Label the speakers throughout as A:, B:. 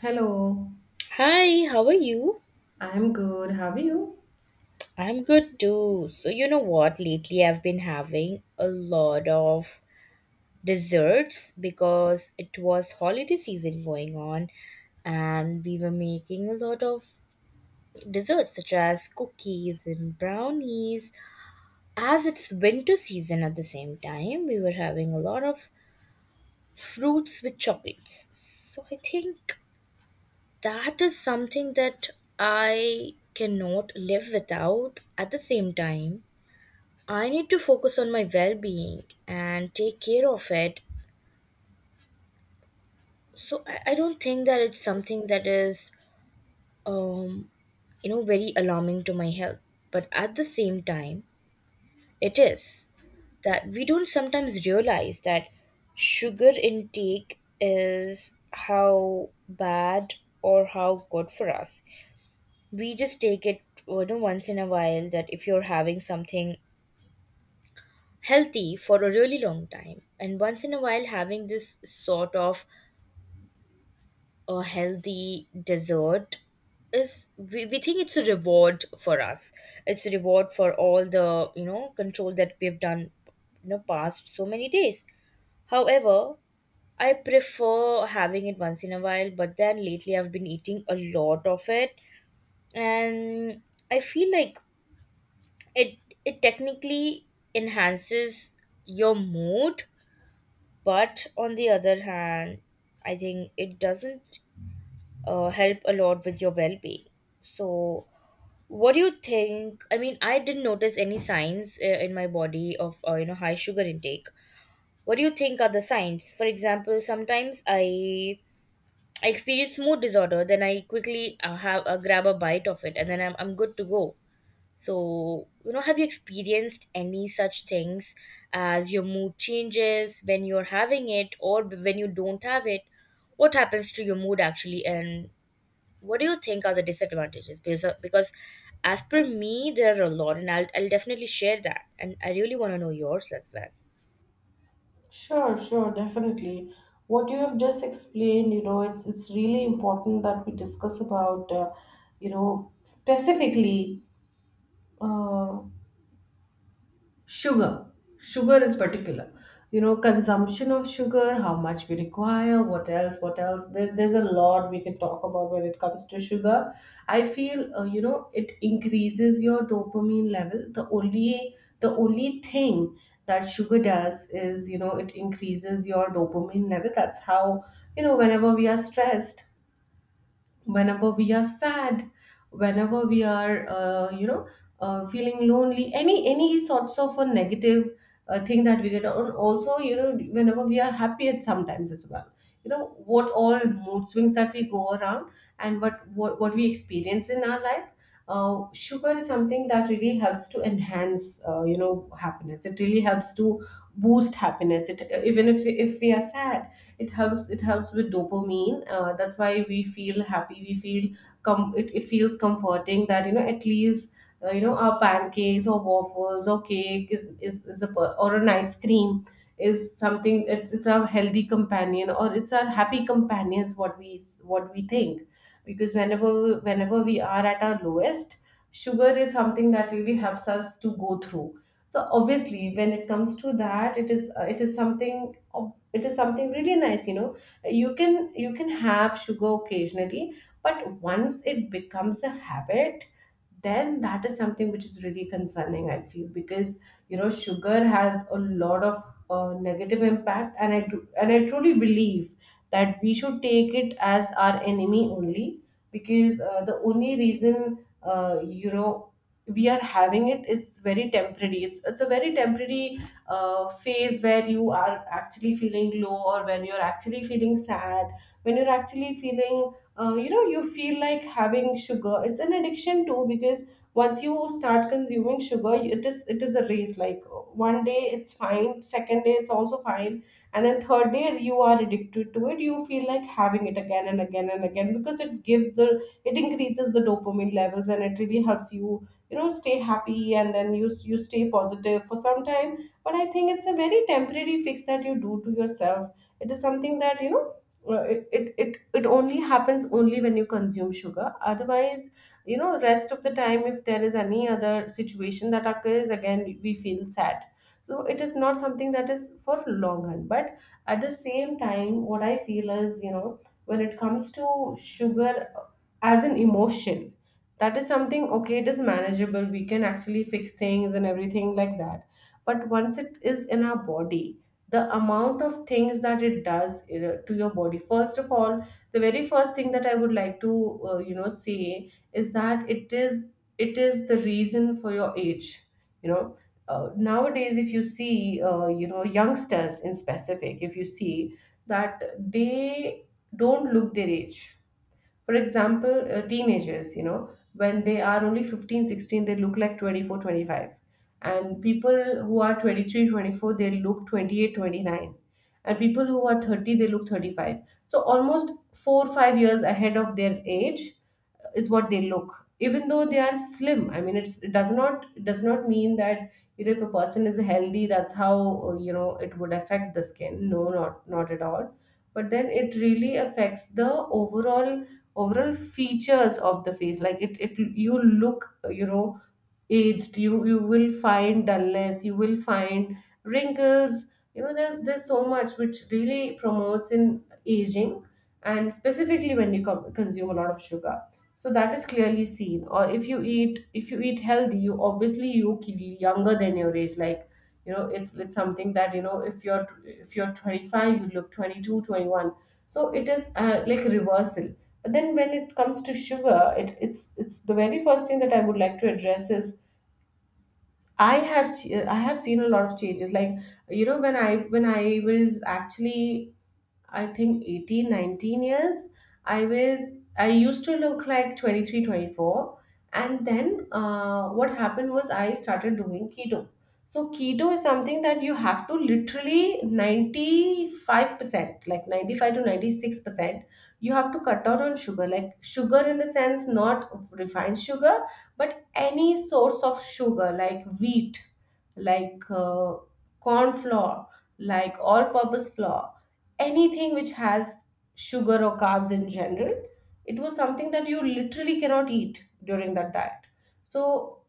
A: Hello,
B: Hi, how are you?
A: I'm good. How are you?
B: I'm good too. So, you know what? Lately, I've been having a lot of desserts because it was holiday season going on, and we were making a lot of desserts such as cookies and brownies. As it's winter season at the same time, we were having a lot of fruits with chocolates. So, I think that is something that I cannot live without at the same time. I need to focus on my well being and take care of it. So I don't think that it's something that is, um, you know, very alarming to my health. But at the same time, it is that we don't sometimes realize that sugar intake is how bad or how good for us. We just take it, you know, once in a while that if you're having something healthy for a really long time, and once in a while having this sort of a healthy dessert is, we think it's a reward for us. It's a reward for all the, you know, control that we've done, you know, past so many days. However, I prefer having it once in a while, but then lately I've been eating a lot of it. And I feel like it it technically enhances your mood. But on the other hand, I think it doesn't help a lot with your well being. So, what do you think? I mean, I didn't notice any signs in my body of, you know, high sugar intake. What do you think are the signs? For example, sometimes I experience mood disorder, then I quickly have a grab a bite of it, and then I'm good to go. So, you know, have you experienced any such things as your mood changes when you're having it, or when you don't have it? What happens to your mood actually, and what do you think are the disadvantages? Because as per me, there are a lot, and I'll definitely share that. And I really want to know yours as well.
A: Sure, sure, definitely. What you have just explained, it's really important that we discuss about, specifically. Uh, Sugar, sugar in particular, consumption of sugar, how much we require, what else, what else. There's a lot we can talk about when it comes to sugar. I feel, it increases your dopamine level. The only thing that sugar does is, it increases your dopamine level. That's how, whenever we are stressed, whenever we are sad, whenever we are, feeling lonely, any sorts of a negative, thing that we get on. Also, whenever we are happy at sometimes as well, what all mood swings that we go around, and what we experience in our life. Sugar is something that really helps to enhance, happiness. It really helps to boost happiness. It, even if we are sad, it helps with dopamine. That's why we feel happy, we feel it feels comforting, that, at least, our pancakes or waffles or cake or an ice cream is something. It's a healthy companion, or it's our happy companion, is what we think. Because whenever we are at our lowest, sugar is something that really helps us to go through. So obviously, when it comes to that, it is, it is something really nice. You can have sugar occasionally, but once it becomes a habit, then that is something which is really concerning, I feel. Because, sugar has a lot of, negative impact, and I truly believe that we should take it as our enemy only. Because, the only reason, uh, you know we are having it, is very temporary. It's a very temporary, phase, where you are actually feeling low, or when you're actually feeling sad, when you're actually feeling, you feel like having sugar. It's an addiction too, because once you start consuming sugar, it is a race. Like, one day it's fine, second day it's also fine, and then third day you are addicted to it. You feel like having it again and again and again, because it increases the dopamine levels, and it really helps you, you know stay happy, and then you stay positive for some time. But I think it's a very temporary fix that you do to yourself. It is something that, it only happens only when you consume sugar. Otherwise, rest of the time, if there is any other situation that occurs, again we feel sad. So it is not something that is for long run. But at the same time, what I feel is, when it comes to sugar as an emotion, that is something, okay, it is manageable. We can actually fix things and everything like that. But once it is in our body, the amount of things that it does, to your body. First of all, the very first thing that I would like to, say, is that it is the reason for your age. you know nowadays, if you see, youngsters in specific, if you see that they don't look their age. For example, teenagers, when they are only 15, 16, they look like 24, 25. And people who are 23, 24, they look 28, 29. And people who are 30, they look 35. So almost 4, 5 years ahead of their age is what they look, even though they are slim. I mean, it does not mean that, if a person is healthy, that's how, it would affect the skin. No, not at all. But then it really affects the overall overall features of the face. Like, it you look, aged. You will find dullness, you will find wrinkles. There's so much which really promotes in aging, and specifically when you consume a lot of sugar. So that is clearly seen. Or if you eat, healthy, you obviously you look younger than your age. Like, it's something that, if you're 25, you look 22 21. So it is, like a reversal. But then when it comes to sugar, it's the very first thing that I would like to address is. I have seen a lot of changes. Like, when I was actually, I think, 18 19 years, I was I used to look like 23 twenty four. And then, what happened was, I started doing keto. So keto is something that you have to literally 95%, like 95 to 96%, you have to cut down on sugar. Like sugar in the sense, not refined sugar, but any source of sugar, like wheat, like, corn flour, like all purpose flour, anything which has sugar or carbs in general. It was something that you literally cannot eat during that diet. So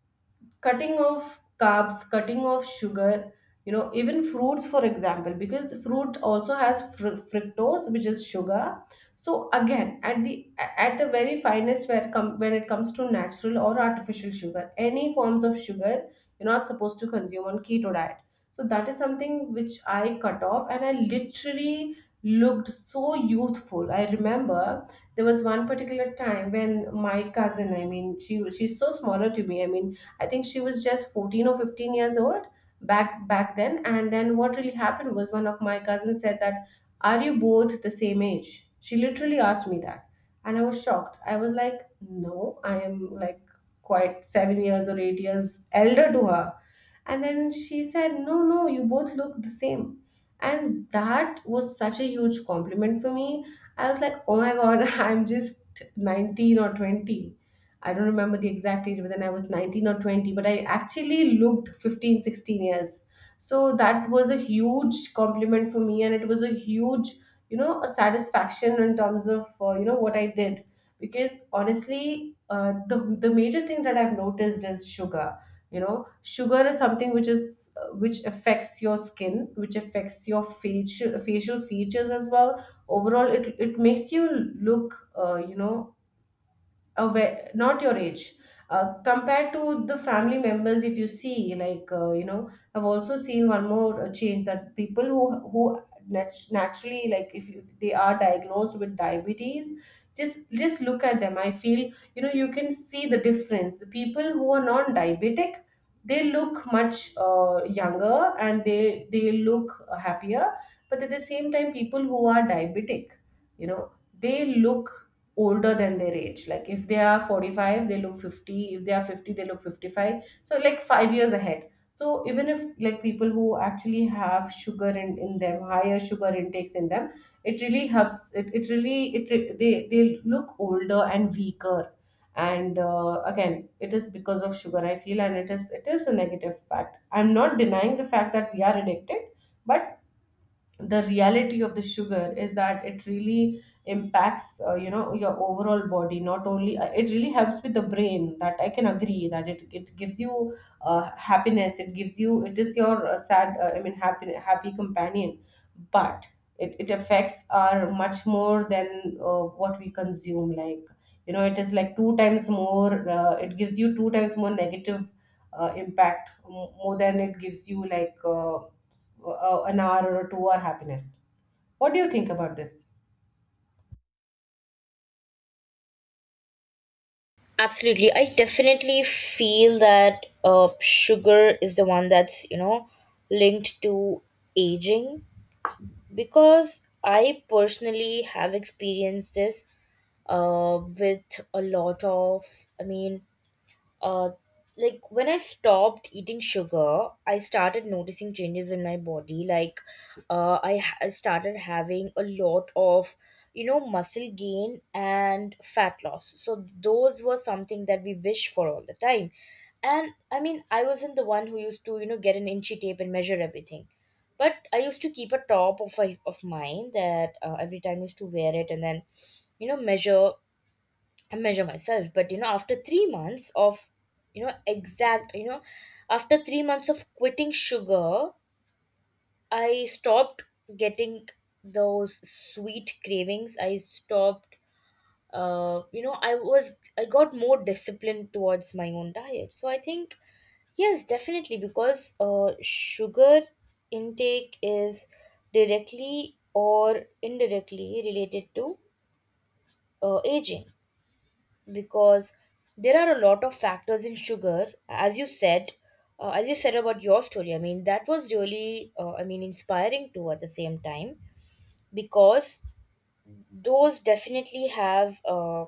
A: cutting off carbs, cutting off sugar, even fruits, for example, because fruit also has fructose, which is sugar. So again, at the very finest, where come when it comes to natural or artificial sugar, any forms of sugar, you're not supposed to consume on keto diet. So that is something which I cut off, and I literally looked so youthful. I remember, there was one particular time when my cousin, I mean, she's so smaller to me. I mean, I think she was just 14 or 15 years old back then. And then what really happened was, one of my cousins said that, "Are you both the same age?" She literally asked me that, and I was shocked. I was like, "No, I am, like, quite 7 years or 8 years elder to her." And then she said, "No, no, you both look the same." And that was such a huge compliment for me. I was like, oh my god, I'm just 19 or 20. I don't remember the exact age, but then I was 19 or 20, but I actually looked 15, 16 years. So that was a huge compliment for me, and it was a huge, a satisfaction in terms of, what I did. Because honestly, the major thing that I've noticed is sugar. Sugar is something which is, which affects your skin, which affects your facial features as well. Overall, it makes you look, not your age, compared to the family members, if you see. Like, I've also seen one more, change, that people who naturally, like, if, you, they are diagnosed with diabetes, just look at them, I feel. You can see the difference. The people who are non diabetic, they look much, younger, and they look happier. But at the same time, people who are diabetic, you know they look older than their age. Like, if they are 45 they look 50, if they are 50 they look 55. So like 5 years ahead. So even if, like, people who actually have sugar in them, higher sugar intakes in them, it really helps it, it really it re- they look older and weaker. And, again, it is because of sugar, I feel. And it is a negative fact. I'm not denying the fact that we are addicted. But the reality of the sugar is that it really impacts, your overall body. Not only, it really helps with the brain, that I can agree. That it gives you, happiness, it gives you, it is your, sad, I mean, happy companion. But it affects our much more than, what we consume. Like, it is like two times more. It gives you two times more negative, impact, more than it gives you, like, an hour or 2 hour happiness. What do you think about this?
B: Absolutely. I definitely feel that sugar is the one that's, you know, linked to aging, because I personally have experienced this with a lot of, I mean, uh, like when I stopped eating sugar, I started noticing changes in my body. Like, I started having a lot of, you know, muscle gain and fat loss. So those were something that we wish for all the time. And I mean, I wasn't the one who used to, you know, get an inchy tape and measure everything. But I used to keep a top of, a of mine, that every time I used to wear it and then, you know, measure I measure myself. But you know, after 3 months of, you know, exact, you know, after 3 months of quitting sugar, I stopped getting those sweet cravings. I stopped, you know, I was, I got more disciplined towards my own diet. So I think, yes, definitely, because sugar intake is directly or indirectly related to aging, because there are a lot of factors in sugar, as you said. As you said about your story, I mean that was really, I mean, inspiring too at the same time, because those definitely have,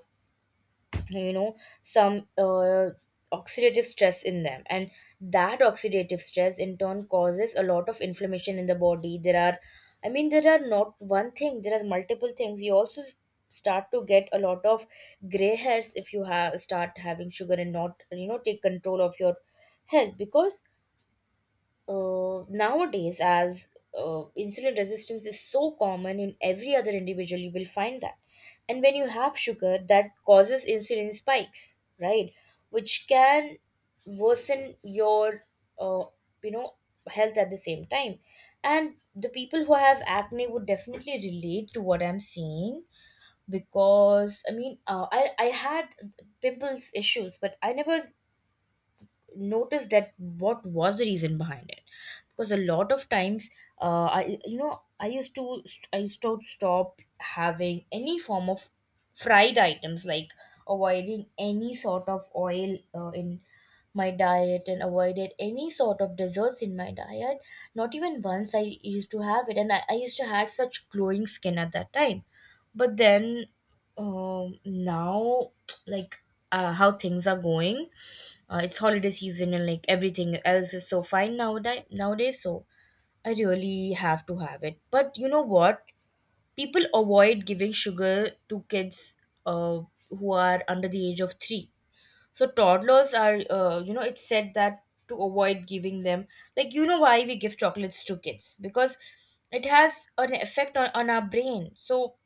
B: you know, some oxidative stress in them, and that oxidative stress in turn causes a lot of inflammation in the body. There are, I mean, there are not one thing, there are multiple things. You also start to get a lot of gray hairs if you have start having sugar and not, you know, take control of your health. Because nowadays, as insulin resistance is so common in every other individual, you will find that. And when you have sugar that causes insulin spikes, right? Which can worsen your, uh, you know, health at the same time. And the people who have acne would definitely relate to what I'm saying. Because I mean, I had pimples issues, but I never notice that what was the reason behind it. Because a lot of times, I, you know, I used to stop having any form of fried items, like avoiding any sort of oil in my diet, and avoided any sort of desserts in my diet. Not even once I used to have it, I used to had such glowing skin at that time. But then, now like, how things are going, it's holiday season, and like everything else is so fine nowadays. So I really have to have it. But you know what, people avoid giving sugar to kids, uh, who are under the age of 3. So toddlers are, you know, it's said that to avoid giving them, like you know why we give chocolates to kids, because it has an effect on our brain. So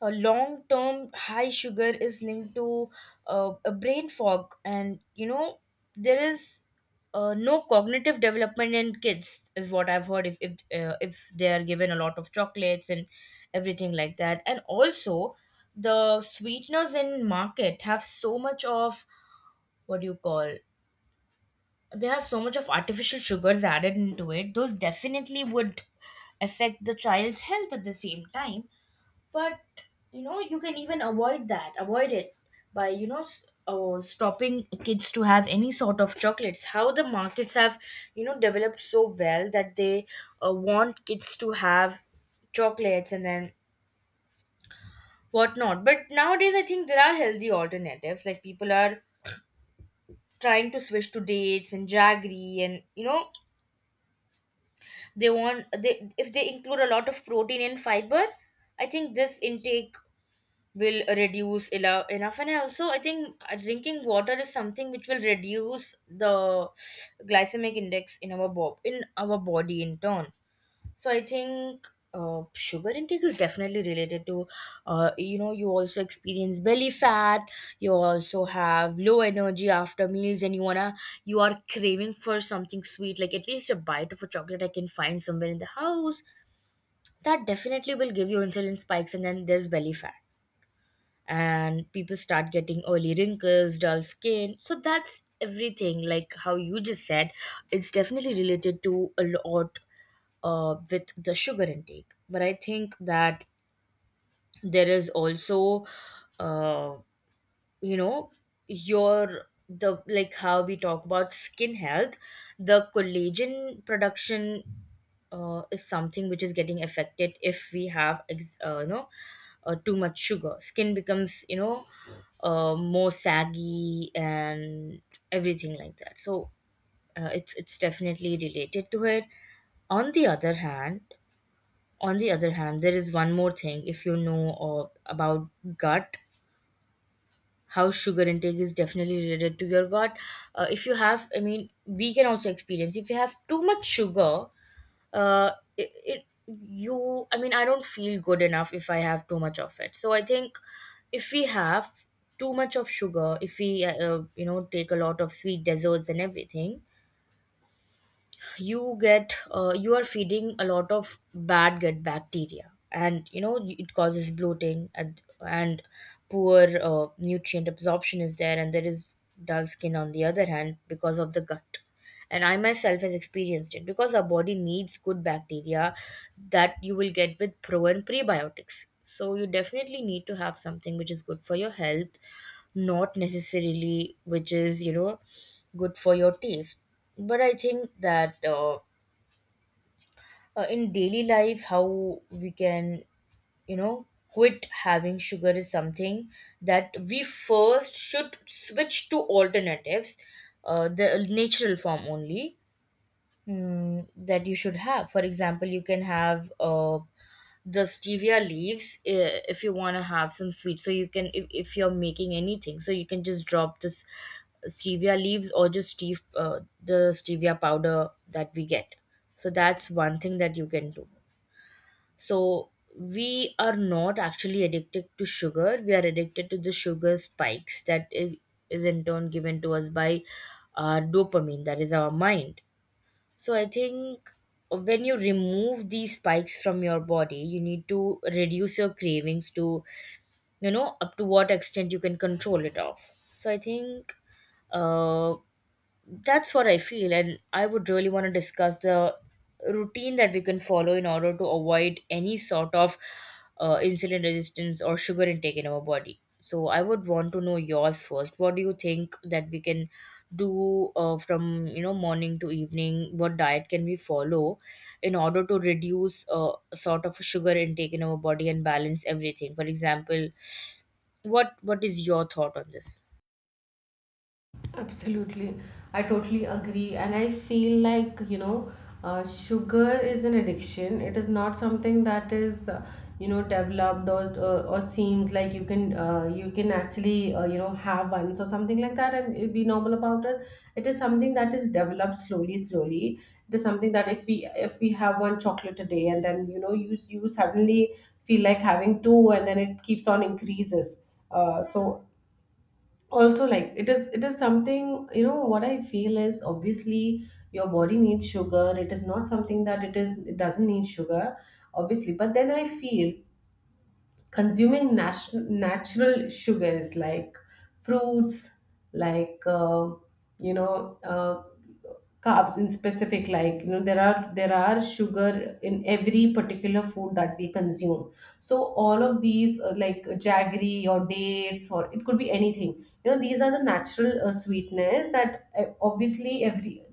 B: a long term high sugar is linked to a brain fog. And you know, there is no cognitive development in kids is what I've heard, if they are given a lot of chocolates and everything like that. And also, the sweeteners in market have so much of, what do you call, they have so much of artificial sugars added into it. Those definitely would affect the child's health at the same time. But you know, you can even avoid that avoid it by, you know, stopping kids to have any sort of chocolates. How the markets have, you know, developed so well that they want kids to have chocolates and then whatnot. But nowadays I think there are healthy alternatives, like people are trying to switch to dates and jaggery. And you know, they want they if they include a lot of protein and fiber, I think this intake will reduce enough. And I also I think drinking water is something which will reduce the glycemic index in our in our body in turn. So I think sugar intake is definitely related to, you know, you also experience belly fat. You also have low energy after meals, and you wanna, you are craving for something sweet, like at least a bite of a chocolate I can find somewhere in the house. That definitely will give you insulin spikes, and then there's belly fat. And people start getting oily wrinkles, dull skin. So that's everything, like how you just said, it's definitely related to a lot with the sugar intake. But I think that there is also, uh, you know, your the like how we talk about skin health, the collagen production, is something which is getting affected. If we have you know, too much sugar, skin becomes, you know, more saggy and everything like that. So it's definitely related to it. On the other hand, on the other hand, there is one more thing, if you know about gut, how sugar intake is definitely related to your gut. If you have, I mean, we can also experience if you have too much sugar, uh, I mean, I don't feel good enough if I have too much of it. So I think if we have too much of sugar, if we you know take a lot of sweet desserts and everything, you get you are feeding a lot of bad gut bacteria. And you know, it causes bloating, and poor nutrient absorption is there, and there is dull skin on the other hand because of the gut. And I myself has experienced it, because our body needs good bacteria that you will get with pro and prebiotics. So you definitely need to have something which is good for your health, not necessarily which is, you know, good for your taste. But I think that in daily life, how we can, you know, quit having sugar is something that we first should switch to alternatives, the natural form only. Mm, that you should have. For example, you can have the stevia leaves, if you want to have some sweet. So you can, if you're making anything, so you can just drop this stevia leaves, or just the stevia powder that we get. So that's one thing that you can do. So we are not actually addicted to sugar. We are addicted to the sugar spikes that is in turn given to us by our dopamine, that is our mind. So I think when you remove these spikes from your body, you need to reduce your cravings to, you know, up to what extent you can control it off. So I think, uh, that's what I feel. And I would really want to discuss the routine that we can follow in order to avoid any sort of insulin resistance or sugar intake in our body. So I would want to know yours first. What do you think that we can do, from, you know, morning to evening? What diet can we follow in order to reduce sort of sugar intake in our body, and balance everything? For example, what is your thought on this?
A: Absolutely. I totally agree. And I feel like, sugar is an addiction. It is not something that is, developed, or seems like you can, you can actually, have once or something like that and it be normal about it. It is something that is developed slowly, slowly. It is something that if we have one chocolate a day, and then, you suddenly feel like having two, and then it keeps on increases. So also, like, it is something, you know what I feel is, obviously your body needs sugar. It is not something that it doesn't need sugar, obviously, but then I feel consuming natural sugars like fruits, like, you know uh, carbs in specific. Like, you know, there are sugar in every particular food that we consume. So all of these, like jaggery or dates, or it could be anything. You know, these are the natural sweetness that, obviously every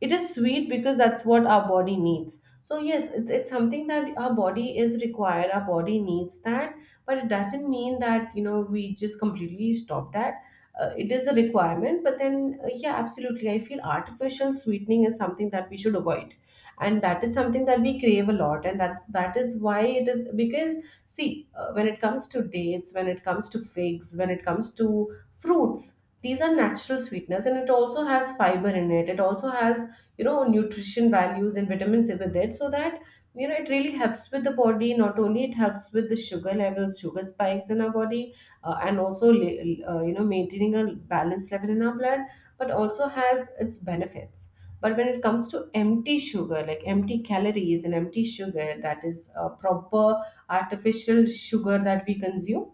A: it is sweet, because that's what our body needs. So yes, it's something that our body is required, our body needs that. But it doesn't mean that we just completely stop that. It is a requirement, but then, yeah, absolutely, I feel artificial sweetening is something that we should avoid. And that is something that we crave a lot, and that is why it is, because see, when it comes to dates, when it comes to figs, when it comes to fruits, these are natural sweeteners, and it also has fiber in it. It also has, you know, nutrition values and vitamins with it, so that it really helps with the body. Not only it helps with the sugar levels, sugar spikes in our body, and also, maintaining a balanced level in our blood, but also has its benefits. But when it comes to empty sugar, like empty calories and empty sugar, that is a proper artificial sugar that we consume,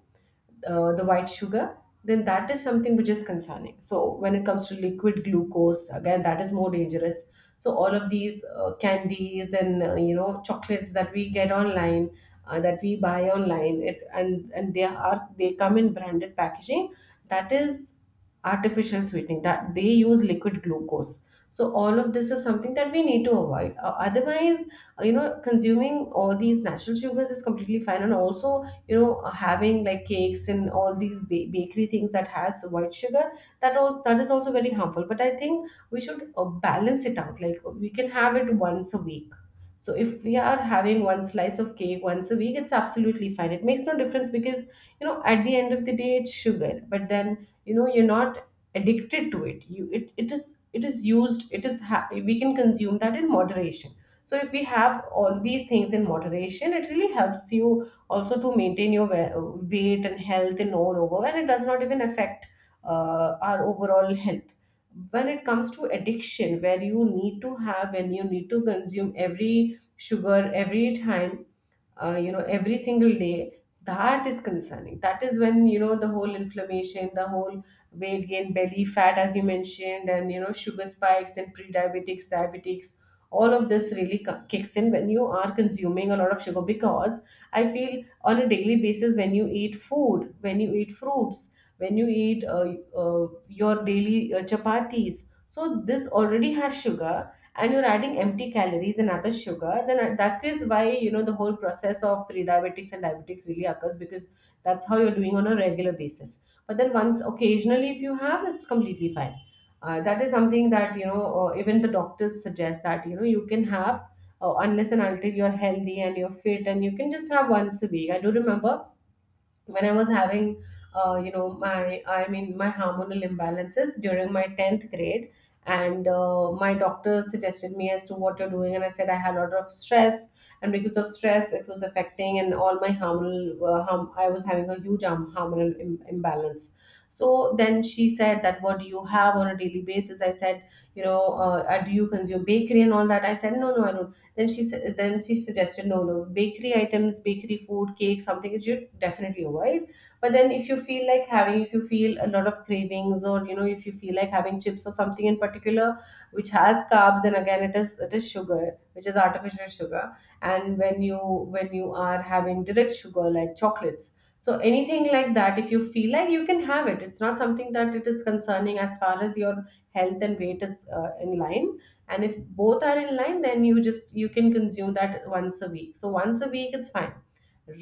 A: the white sugar. Then that is something which is concerning. So when it comes to liquid glucose, again, that is more dangerous. So all of these candies and you know, chocolates that we get online, that we buy online, it and they are they come in branded packaging. That is artificial sweetening. That they use liquid glucose. So all of this is something that we need to avoid. Otherwise, you know, consuming all these natural sugars is completely fine. And also, you know, having like cakes and all these bakery things that has white sugar, that is also very harmful. But I think we should, balance it out. Like, we can have it once a week. So if we are having one slice of cake once a week, it's absolutely fine. It makes no difference because, you know, at the end of the day it's sugar. But then, you know, you're not addicted to it. You it, it is used it is ha- We can consume that in moderation. So if we have all these things in moderation, it really helps you also to maintain your weight and health in all over. And it does not even affect our overall health. When it comes to addiction where you need to have and you need to consume every sugar every time, you know, every single day, that is concerning. That is when, you know, the whole inflammation, the whole weight gain, belly fat, as you mentioned, and you know, sugar spikes and pre-diabetics, diabetics, all of this really kicks in when you are consuming a lot of sugar. Because I feel, on a daily basis, when you eat food, when you eat fruits, when you eat your daily chapatis, so this already has sugar. And you're adding empty calories and other sugar, then that is why, you know, the whole process of pre-diabetics and diabetics really occurs, because that's how you're doing on a regular basis. But then, once, occasionally, if you have, that's completely fine. That is something that, you know, or even the doctors suggest that, you know, you can have. Unless and until you're healthy and you're fit, and you can just have once a week. I do remember, when I was having, you know, my, I mean, my hormonal imbalances during my tenth grade, and my doctor suggested me, as to what you're doing. And I said, I had a lot of stress, and because of stress, it was affecting, and all my hormonal, I was having a huge hormonal imbalance. So then she said, that what do you have on a daily basis? I said, do you consume bakery and all that? I said, no, no, I don't. Then she suggested, no, no, bakery items, bakery food, cake, something that you definitely avoid. But then, if you feel like having, if you feel a lot of cravings, or you know, if you feel like having chips or something in particular, which has carbs. And again, it is sugar, which is artificial sugar, and when you, are having direct sugar like chocolates. So anything like that, if you feel like you can have it, it's not something that it is concerning, as far as your health and weight is, in line. And if both are in line, then you can consume that once a week. So once a week it's fine.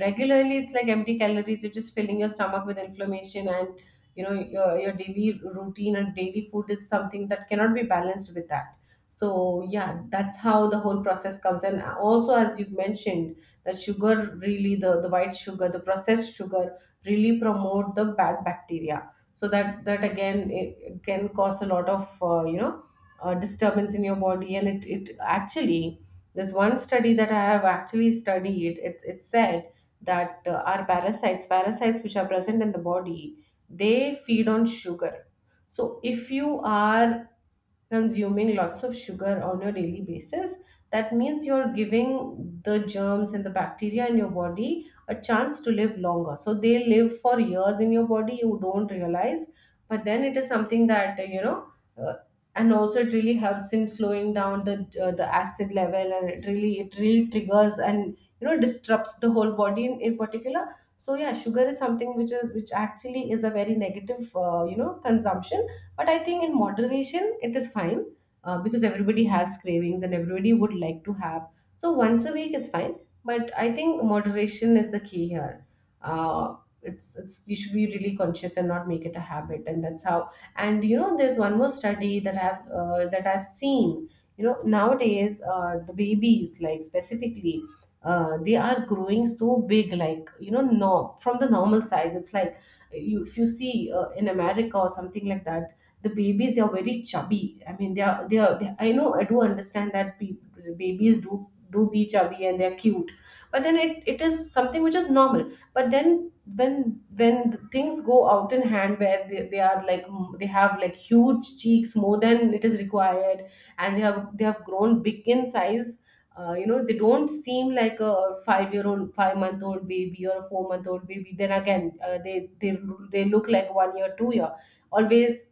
A: Regularly, it's like empty calories. You're just filling your stomach with inflammation. And you know, your daily routine and daily food is something that cannot be balanced with that. So yeah, that's how the whole process comes. And also, as you've mentioned, that sugar really, the white sugar, the processed sugar really promote the bad bacteria. So that again, it can cause a lot of, disturbance in your body, and it actually, there's one study that I have actually studied. It said that, our parasites, which are present in the body, they feed on sugar. So if you are consuming lots of sugar on a daily basis, that means you're giving the germs and the bacteria in your body a chance to live longer. So they live for years in your body, you don't realize. But then it is something that, uh, and also, it really helps in slowing down, the acid level. And it really, triggers, and you know, disrupts the whole body in particular. So yeah, sugar is something which is, which actually is a very negative consumption. But I think in moderation it is fine. Because everybody has cravings, and everybody would like to have. So once a week it's fine. But I think moderation is the key here. Uh, it's You should be really conscious and not make it a habit. And that's how. And you know, there's one more study that I've, that I've seen. You know, nowadays, the babies, like, specifically, they are growing so big. Like, you know, no, from the normal size, it's like, you if you see, in America or something like that, the babies, they are very chubby. I mean, I know, I do understand that babies do be chubby and they're cute. But then, it is something which is normal. But then, when, things go out in hand, where they are like, they have like huge cheeks, more than it is required. And they have grown big in size. You know, they don't seem like a 5-year old 5-month old baby, or a 4-month old baby. Then again, they look like 1 year, 2 year, always,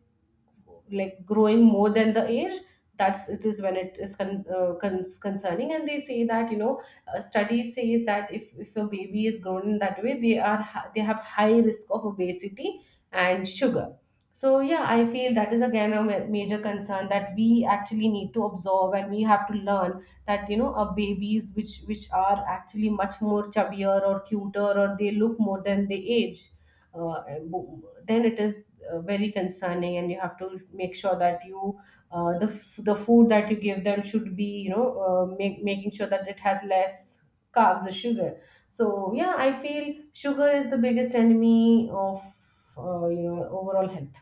A: like growing more than the age. That's It is when it is concerning. And they say that, you know, studies says that, if a baby is grown in that way, they have high risk of obesity and sugar. So yeah, I feel that is again a major concern that we actually need to observe. And we have to learn that, you know, our babies, which are actually much more chubbier or cuter, or they look more than they age, uh, then it is, very concerning. And you have to make sure that, the food that you give them should be, you know, making sure that it has less carbs or sugar. So yeah, I feel sugar is the biggest enemy of, overall health,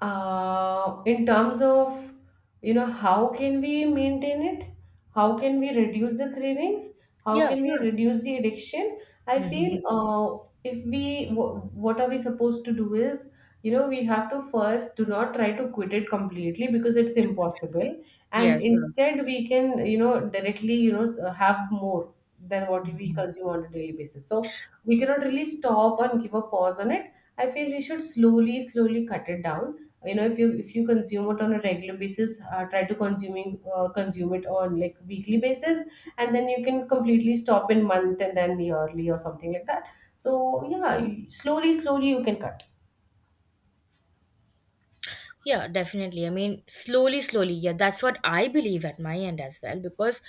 A: in terms of, you know, how can we maintain it, how can we reduce the cravings, how
B: Yeah.
A: can we reduce the addiction. I feel,
B: Hmm.
A: if what are we supposed to do is, you know, we have to first do not try to quit it completely because it's impossible. And, yeah,
B: Yes.
A: instead we can, directly, have more than what we
B: Mhm.
A: consume on a daily basis. So we cannot really stop and give a pause on it. I feel we should slowly slowly cut it down. If you consume it on a regular basis, try to consuming consume it on like weekly basis, and then you can completely stop in month, and then yearly or something like that. So yeah, slowly slowly you can cut.
B: Yeah, definitely. I mean, slowly, slowly. Yeah, that's what I believe at my end as well. Because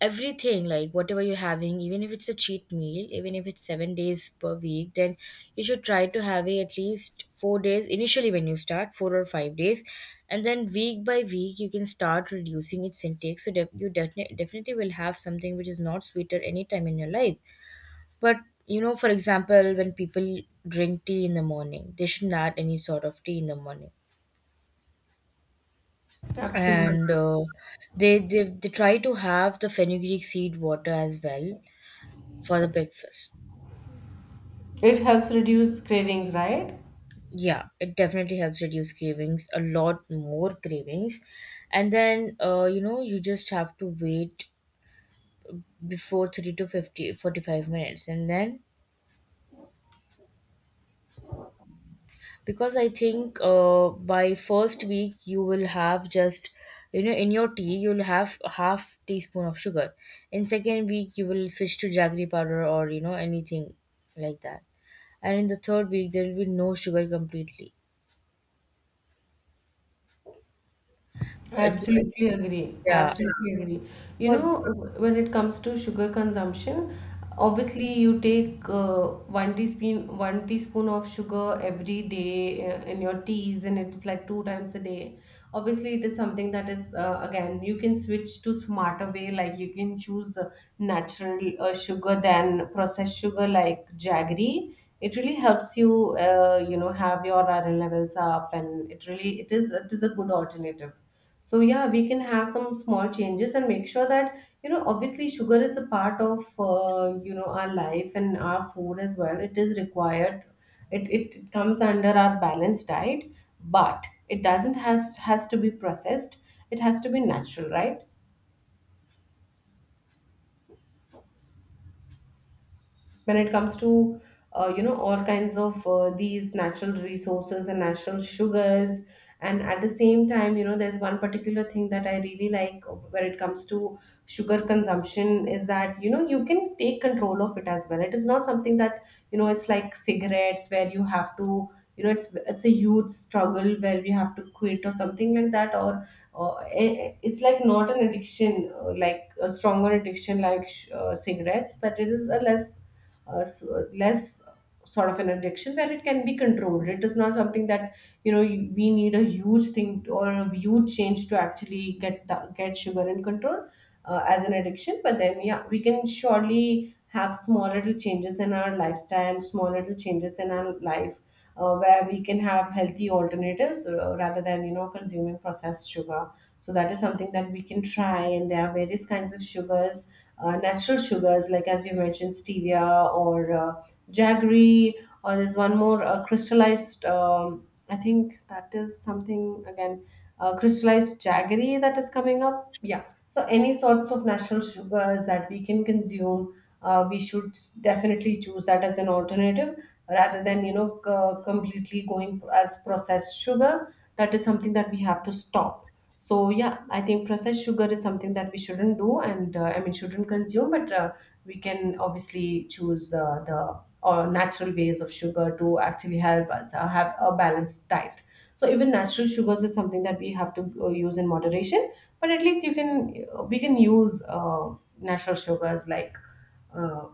B: everything, like whatever you're having, even if it's a cheat meal, even if it's 7 days per week, then you should try to have it at least 4 days initially when you start, 4 or 5 days. And then week by week, you can start reducing its intake. So you definitely will have something which is not sweeter anytime in your life. But you know, for example, when people drink tea in the morning, they shouldn't add any sort of tea in the morning.
A: Absolutely.
B: And they try to have the fenugreek seed water as well for the breakfast.
A: It helps reduce cravings, right?
B: Yeah, it definitely helps reduce cravings, a lot more cravings. And then, you know, you just have to wait before 30 to 50 45 minutes. And then, because I think, by first week, you will have just, you know, in your tea, you'll have a half teaspoon of sugar. In second week, you will switch to jaggery powder, or, you know, anything like that. And in the third week, there will be no sugar completely.
A: I
B: But
A: absolutely agree. I
B: yeah
A: absolutely agree. You
B: for
A: know, when it comes to sugar consumption, obviously you take one teaspoon of sugar every day in your teas, and it's like two times a day. Obviously, it is something that is, again, you can switch to smarter way, like you can choose natural sugar than processed sugar like jaggery. It really helps you, have your iron levels up, and it is a good alternative. So yeah, we can have some small changes and make sure that, obviously sugar is a part of, our life and our food as well, it is required. It comes under our balanced diet, but it doesn't has to be processed. It has to be natural, right? When it comes to, all kinds of these natural resources and natural sugars. And at the same time, there's one particular thing that I really like when it comes to sugar consumption, is that, you can take control of it as well. It is not something that, it's like cigarettes where you have to, it's a huge struggle where we have to quit or something like that. Or uh, it's like not an addiction, like a stronger addiction like cigarettes, but it is a less, so less sort of an addiction where it can be controlled. It is not something that, we need a huge thing or a huge change to actually get sugar in control as an addiction. But then yeah, we can surely have small little changes in our lifestyle, small little changes in our life. Where we can have healthy alternatives, rather than, consuming processed sugar. So that is something that we can try, and there are various kinds of sugars, natural sugars, like as you mentioned, stevia, or jaggery, or there's one more, crystallized. I think that is something, again, crystallized jaggery, that is coming up. Yeah. So any sorts of natural sugars that we can consume, we should definitely choose that as an alternative rather than, completely going as processed sugar. That is something that we have to stop. So yeah, I think processed sugar is something that we shouldn't do, and, I mean, shouldn't consume, but, we can obviously choose the or natural ways of sugar to actually help us have a balanced diet. So even natural sugars is something that we have to, use in moderation, but at least you can we can use natural sugars like, uh,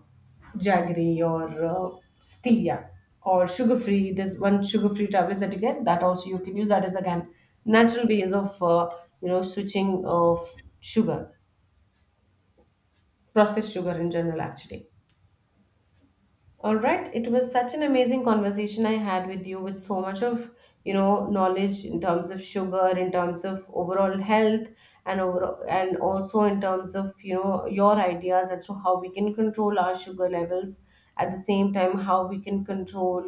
A: jaggery, or stevia, or sugar free. There's one sugar free tablet that you get, that also you can use, that is again natural ways of, switching of sugar, processed sugar in general actually. All right, it was such an amazing conversation I had with you, with so much of, knowledge, in terms of sugar, in terms of overall health and overall, and also in terms of, your ideas as to how we can control our sugar levels, at the same time how we can control,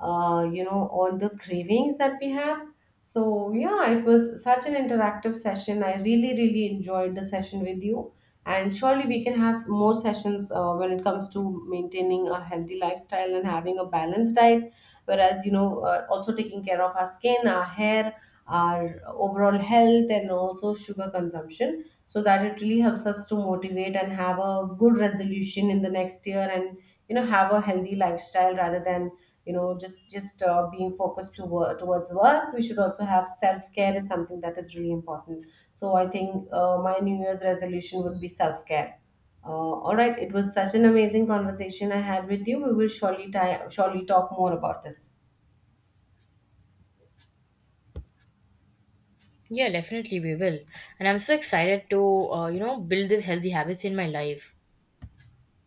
A: all the cravings that we have. So, yeah, it was such an interactive session. I really really enjoyed the session with you, and surely we can have more sessions, when it comes to maintaining a healthy lifestyle and having a balanced diet, whereas, also taking care of our skin, our hair, our overall health, and also sugar consumption, so that it really helps us to motivate and have a good resolution in the next year. And, have a healthy lifestyle, rather than, just being focused to work, towards work. We should also have self-care, is something that is really important. So I think, my New Year's resolution would be self-care. Uh, all right, it was such an amazing conversation I had with you. We will surely ti surely talk more about this.
B: yeah, definitely we will. And I'm so excited to, you know, build these healthy habits in my life.